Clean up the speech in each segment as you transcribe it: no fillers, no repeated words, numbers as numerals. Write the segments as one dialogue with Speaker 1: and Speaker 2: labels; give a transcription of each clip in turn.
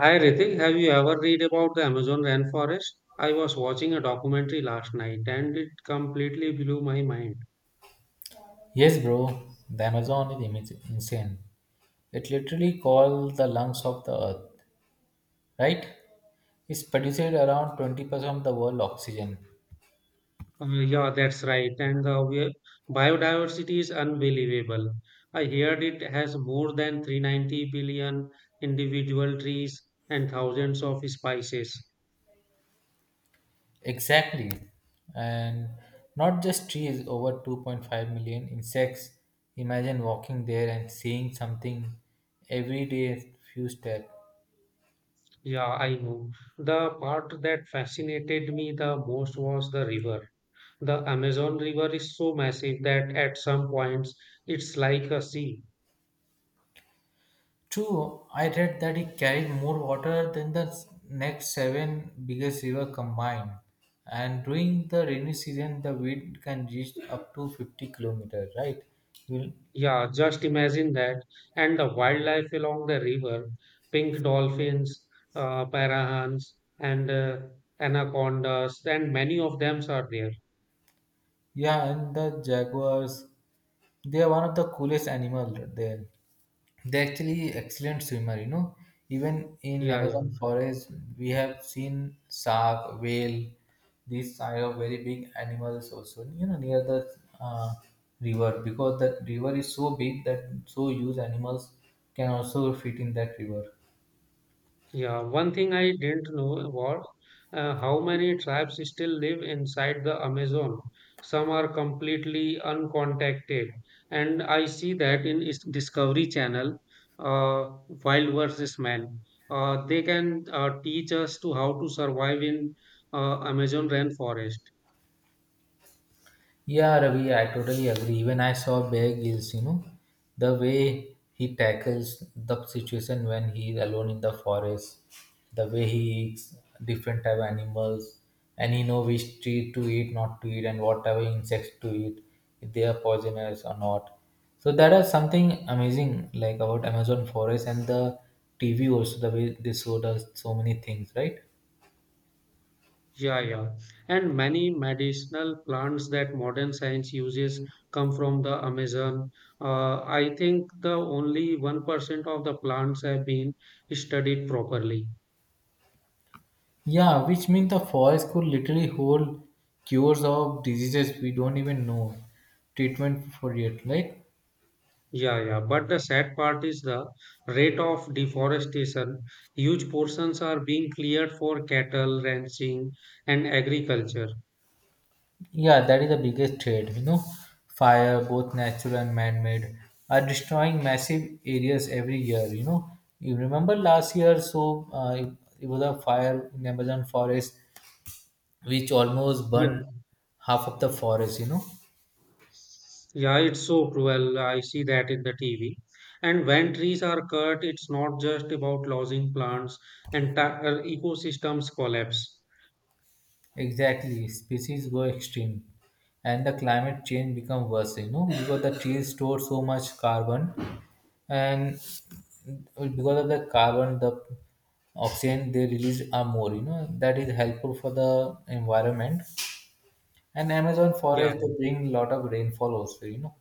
Speaker 1: Hi Ritik, have you ever read about the Amazon rainforest? I was watching a documentary last night and it completely blew my mind.
Speaker 2: Yes, bro. The Amazon is insane. It literally calls the lungs of the earth, right? It's produces around 20% of the world oxygen.
Speaker 1: Yeah, that's right. And the biodiversity is unbelievable. I heard it has more than 390 billion individual trees and thousands of species.
Speaker 2: Exactly. And not just trees, over 2.5 million insects. Imagine walking there and seeing something every day, few steps.
Speaker 1: Yeah, I know. The part that fascinated me the most was the river. The Amazon River is so massive that at some points it's like a sea.
Speaker 2: True, I read that it carried more water than the next seven biggest river combined. And during the rainy season, the wind can reach up to 50 kilometers, right? You'll,
Speaker 1: Yeah, just imagine that. And the wildlife along the river, pink dolphins, parahans, and anacondas, and many of them are there.
Speaker 2: yeah, and the jaguars, they are one of the coolest animal there. They're actually excellent swimmer, you know. Even in
Speaker 1: Yeah, yeah.
Speaker 2: Amazon forest, we have seen shark, whale, these kind of very big animals also, you know, near the river because the river is so big that so huge animals can also fit in that river.
Speaker 1: Yeah, one thing I didn't know was how many tribes still live inside the Amazon. Some are completely uncontacted, and I see that in Discovery Channel, Wild versus Man. They can teach us to how to survive in Amazon rainforest.
Speaker 2: Yeah, Ravi, I totally agree. Even I saw Bear Grylls, you know, the way he tackles the situation when he's alone in the forest, the way he eats different type of animals, and he know which tree to eat, not to eat, and whatever insects to eat, if they are poisonous or not. So that is something amazing, like about Amazon forest and the TV also, the way they showed us so many things, right?
Speaker 1: Yeah, yeah. And many medicinal plants that modern science uses come from the Amazon. I think the only 1% of the plants have been studied properly.
Speaker 2: Yeah, which means the forest could literally hold cures of diseases we don't even know treatment for it. Like,
Speaker 1: Yeah, yeah. But the sad part is the rate of deforestation. Huge portions are being cleared for cattle ranching and agriculture.
Speaker 2: yeah, that is the biggest threat. You know, fire, both natural and man-made, are destroying massive areas every year. You know, you remember last year, so it was a fire in Amazon forest which almost
Speaker 1: Yeah.
Speaker 2: burned half of the forest, you know.
Speaker 1: Yeah, it's so cruel. I see that in the TV. And when trees are cut, it's not just about losing plants, entire ecosystems collapse.
Speaker 2: Exactly, species go extinct, and the climate change become worse. You know because the trees store so much carbon, and because of the carbon, the oxygen they release are more. You know that is helpful for the environment, and Amazon
Speaker 1: Yeah,
Speaker 2: forest
Speaker 1: yeah.
Speaker 2: they bring lot of rainfall also, you know.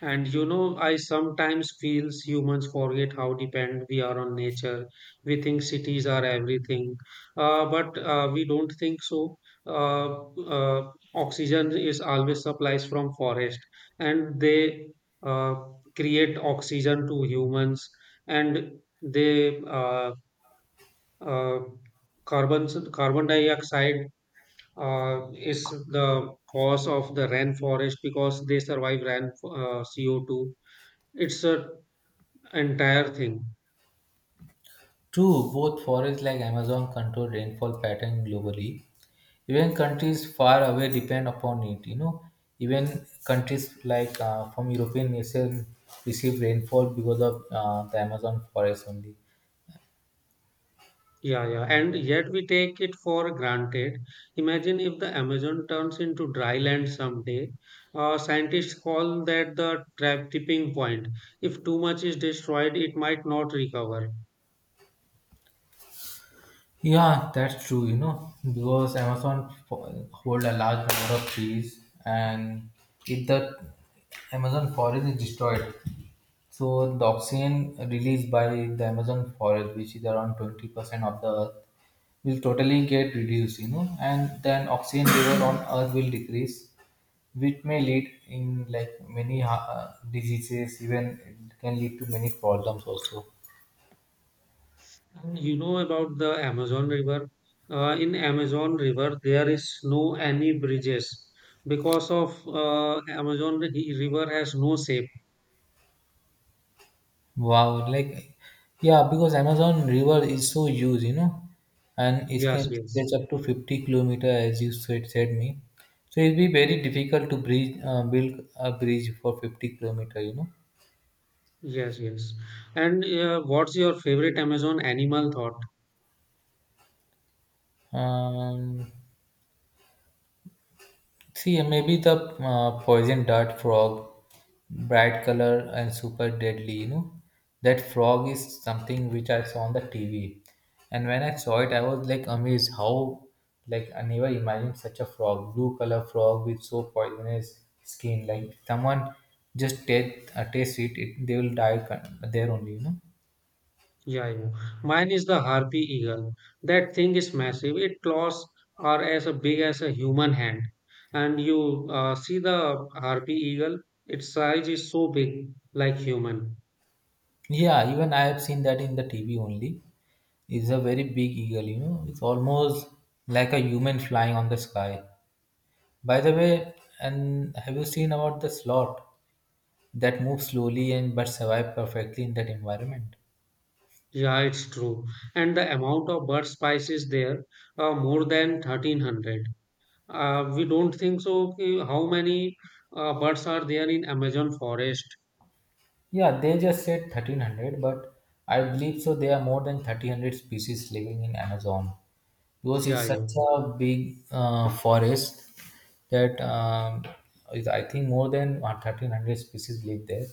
Speaker 1: And you know, I sometimes feels humans forget how dependent we are on nature. We think cities are everything, but we don't think so. Oxygen is always supplies from forest, and they uh, create oxygen to humans, and they uh, carbon carbon dioxide is the cause of the rainforest because they survive rain CO2 it's a entire thing.
Speaker 2: True, both forests like Amazon control rainfall pattern globally. Even countries far away depend upon it. You know, even countries like from European nation receive rainfall because of the Amazon forest only.
Speaker 1: Yeah, yeah. And yet we take it for granted. Imagine if the Amazon turns into dry land someday. Scientists call that the trap tipping point. If too much is destroyed, it might not recover.
Speaker 2: Yeah, that's true, you know, because hold a large number of trees and if the Amazon forest is destroyed, so the oxygen released by the Amazon forest, which is around 20% of the earth, will totally get reduced, you know, and then oxygen level on earth will decrease, which may lead in like many diseases, even it can lead to many problems also.
Speaker 1: And you know about the Amazon River? In Amazon River, there is no any bridges because of Amazon River has no shape.
Speaker 2: Wow, like yeah, because Amazon River is so huge, you know, and it
Speaker 1: Yes,
Speaker 2: can
Speaker 1: yes.
Speaker 2: stretch up to 50 kilometer as you said, said me. So it'll be very difficult to build a bridge for 50 kilometer, you
Speaker 1: Yes, yes. And what's your favorite Amazon animal thought?
Speaker 2: know. See, maybe the poison dart frog, bright color and super deadly, you know. That frog is something which I saw on the TV. And when I saw it, I was like amazed how, like, I never imagined such a frog, blue color frog with so poisonous skin. Like, someone just taste it, they will there only, you know.
Speaker 1: Yeah, yeah. Mine is the harpy eagle. That thing is massive. Its claws are as big as a human hand. And you see the harpy eagle, its size is so big, like human.
Speaker 2: Yeah, even I have seen that in the TV only. It's a very big eagle, you know. It's almost like a human flying on the sky. By the way, and have you seen about the slot that moves slowly and but survive perfectly in that environment?
Speaker 1: Yeah, it's true. And the amount of bird species there are more than 1,300. We don't think so. Okay, how many birds are there in Amazon forest?
Speaker 2: Yeah, they just said 1300, but I believe so. There are more than 1300 species living in Amazon because
Speaker 1: Yeah,
Speaker 2: it's
Speaker 1: yeah.
Speaker 2: such a big forest that I think more than 1300 species live there.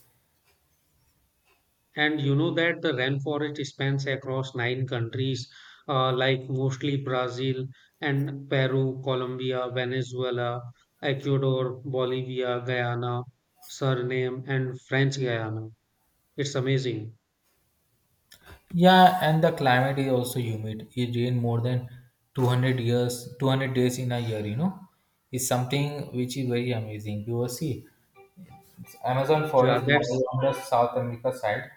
Speaker 1: And you know that the rainforest spans across nine countries, like mostly Brazil and Peru, Colombia, Venezuela, Ecuador, Bolivia, Guyana, Suriname, and French Guyana. It's amazing.
Speaker 2: Yeah, and the climate is also humid. It rain more than 200 years, 200 days in a year, you know. It's something which is very amazing. You will see. Amazon
Speaker 1: Yeah,
Speaker 2: forest lies
Speaker 1: that's
Speaker 2: on the South America side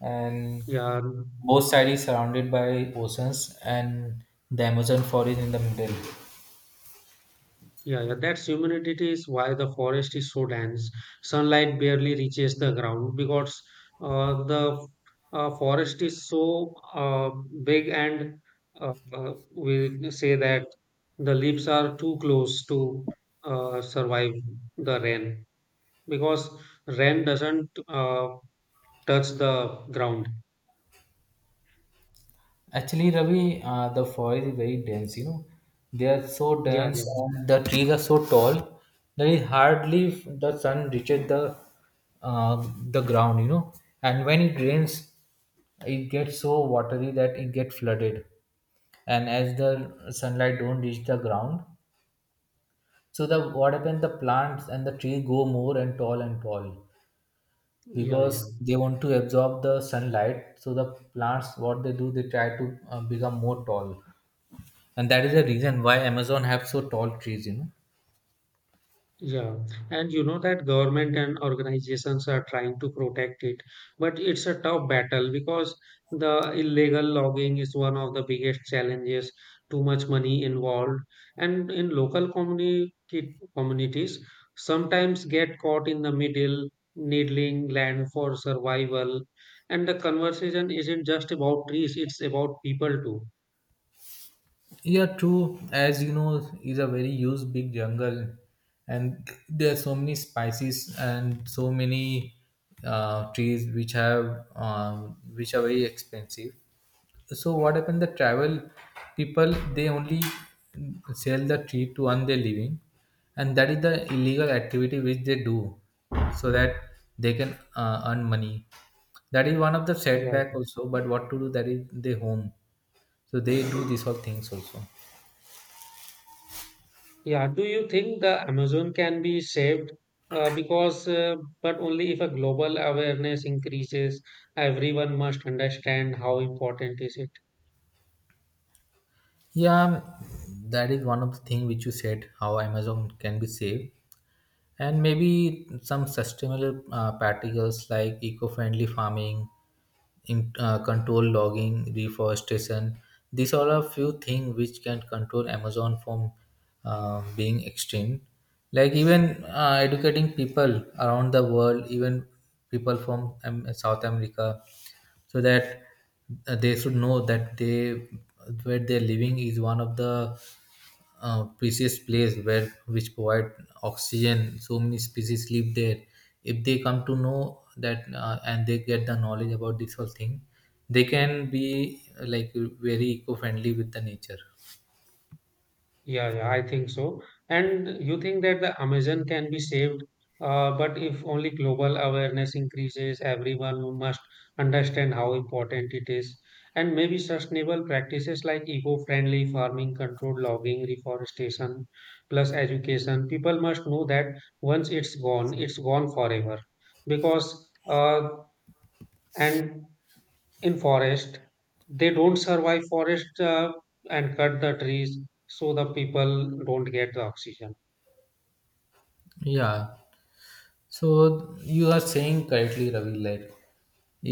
Speaker 2: and
Speaker 1: yeah.
Speaker 2: both sides is surrounded by oceans and the Amazon forest in the middle.
Speaker 1: Yeah, yeah, that's humidity is why the forest is so dense. Sunlight barely reaches the ground because the forest is so big, and we say that the leaves are too close to survive the rain because rain doesn't touch the ground.
Speaker 2: Actually, Ravi, the forest is very dense, you know. They are so
Speaker 1: Yeah, yeah,
Speaker 2: dense and the trees are so tall that it the sun reaches the ground, you know. And when it rains, it gets so watery that it gets flooded. And as the sunlight don't reach the ground, so the what happens? The plants and the trees go more and tall
Speaker 1: yeah, yeah.
Speaker 2: because they want to absorb the sunlight. So the plants, what they do, they try to become more tall, and that is the reason why amazon have so tall trees, you know.
Speaker 1: Yeah, and you know that government and organizations are trying to protect it, but it's a tough battle because the illegal logging is one of the biggest challenges, too much money involved, and in communities sometimes get caught in the middle, needling land for survival, and the conversation isn't just about trees, it's about people too.
Speaker 2: Yeah, true, as you know, is a very huge big jungle, and there are so many species and so many trees which have which are very expensive. So what happened, the travel people, they only sell the tree to earn their living, and that is the illegal activity which they do, so that they can earn money. That is one of the
Speaker 1: Yeah.
Speaker 2: setback also, but what to do, that is their home, so they do these all things also.
Speaker 1: Yeah, do you think the Amazon can be saved? Uh, because, uh, but only if a global awareness increases, everyone must understand how important is it.
Speaker 2: Yeah, that is one of the thing which you said, how amazon can be saved. And maybe some sustainable practicals like eco-friendly farming, control logging, reforestation. These are a few things which can control Amazon from being extinct. Like even educating people around the world, even people from South America, so that they should know that they where they're living is one of the precious place where which provide oxygen, so many species live there. If they come to know that and they get the knowledge about this whole thing, they can be like very eco-friendly with the nature.
Speaker 1: Yeah, yeah, I think so. And you think that the Amazon can be saved, but if only global awareness increases, everyone must understand how important it is. And maybe sustainable practices like eco-friendly farming, controlled logging, reforestation, plus education. People must know that once it's gone forever. Because and in forest they don't survive forest and cut the trees so the people don't get the oxygen.
Speaker 2: Yeah, so you are saying correctly, Ravi, like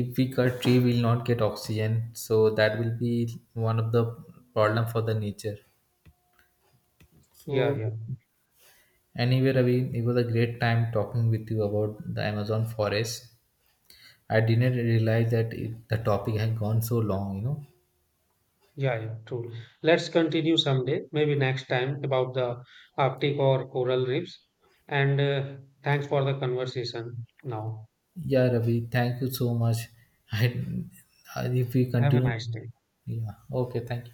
Speaker 2: if we cut tree we will not get oxygen, so that will be one of the problem for the nature.
Speaker 1: Yeah,
Speaker 2: So
Speaker 1: yeah.
Speaker 2: anyway, Ravi, it was a great time talking with you about the Amazon forest. I didn't realize that the topic had gone so long, you know.
Speaker 1: Yeah, yeah, true. Let's continue someday maybe next time about the arctic or coral reefs, and thanks for the conversation now.
Speaker 2: Yeah, Ravi, thank you so much. I, if we
Speaker 1: Have a
Speaker 2: continue,
Speaker 1: nice day.
Speaker 2: yeah, okay, thank you.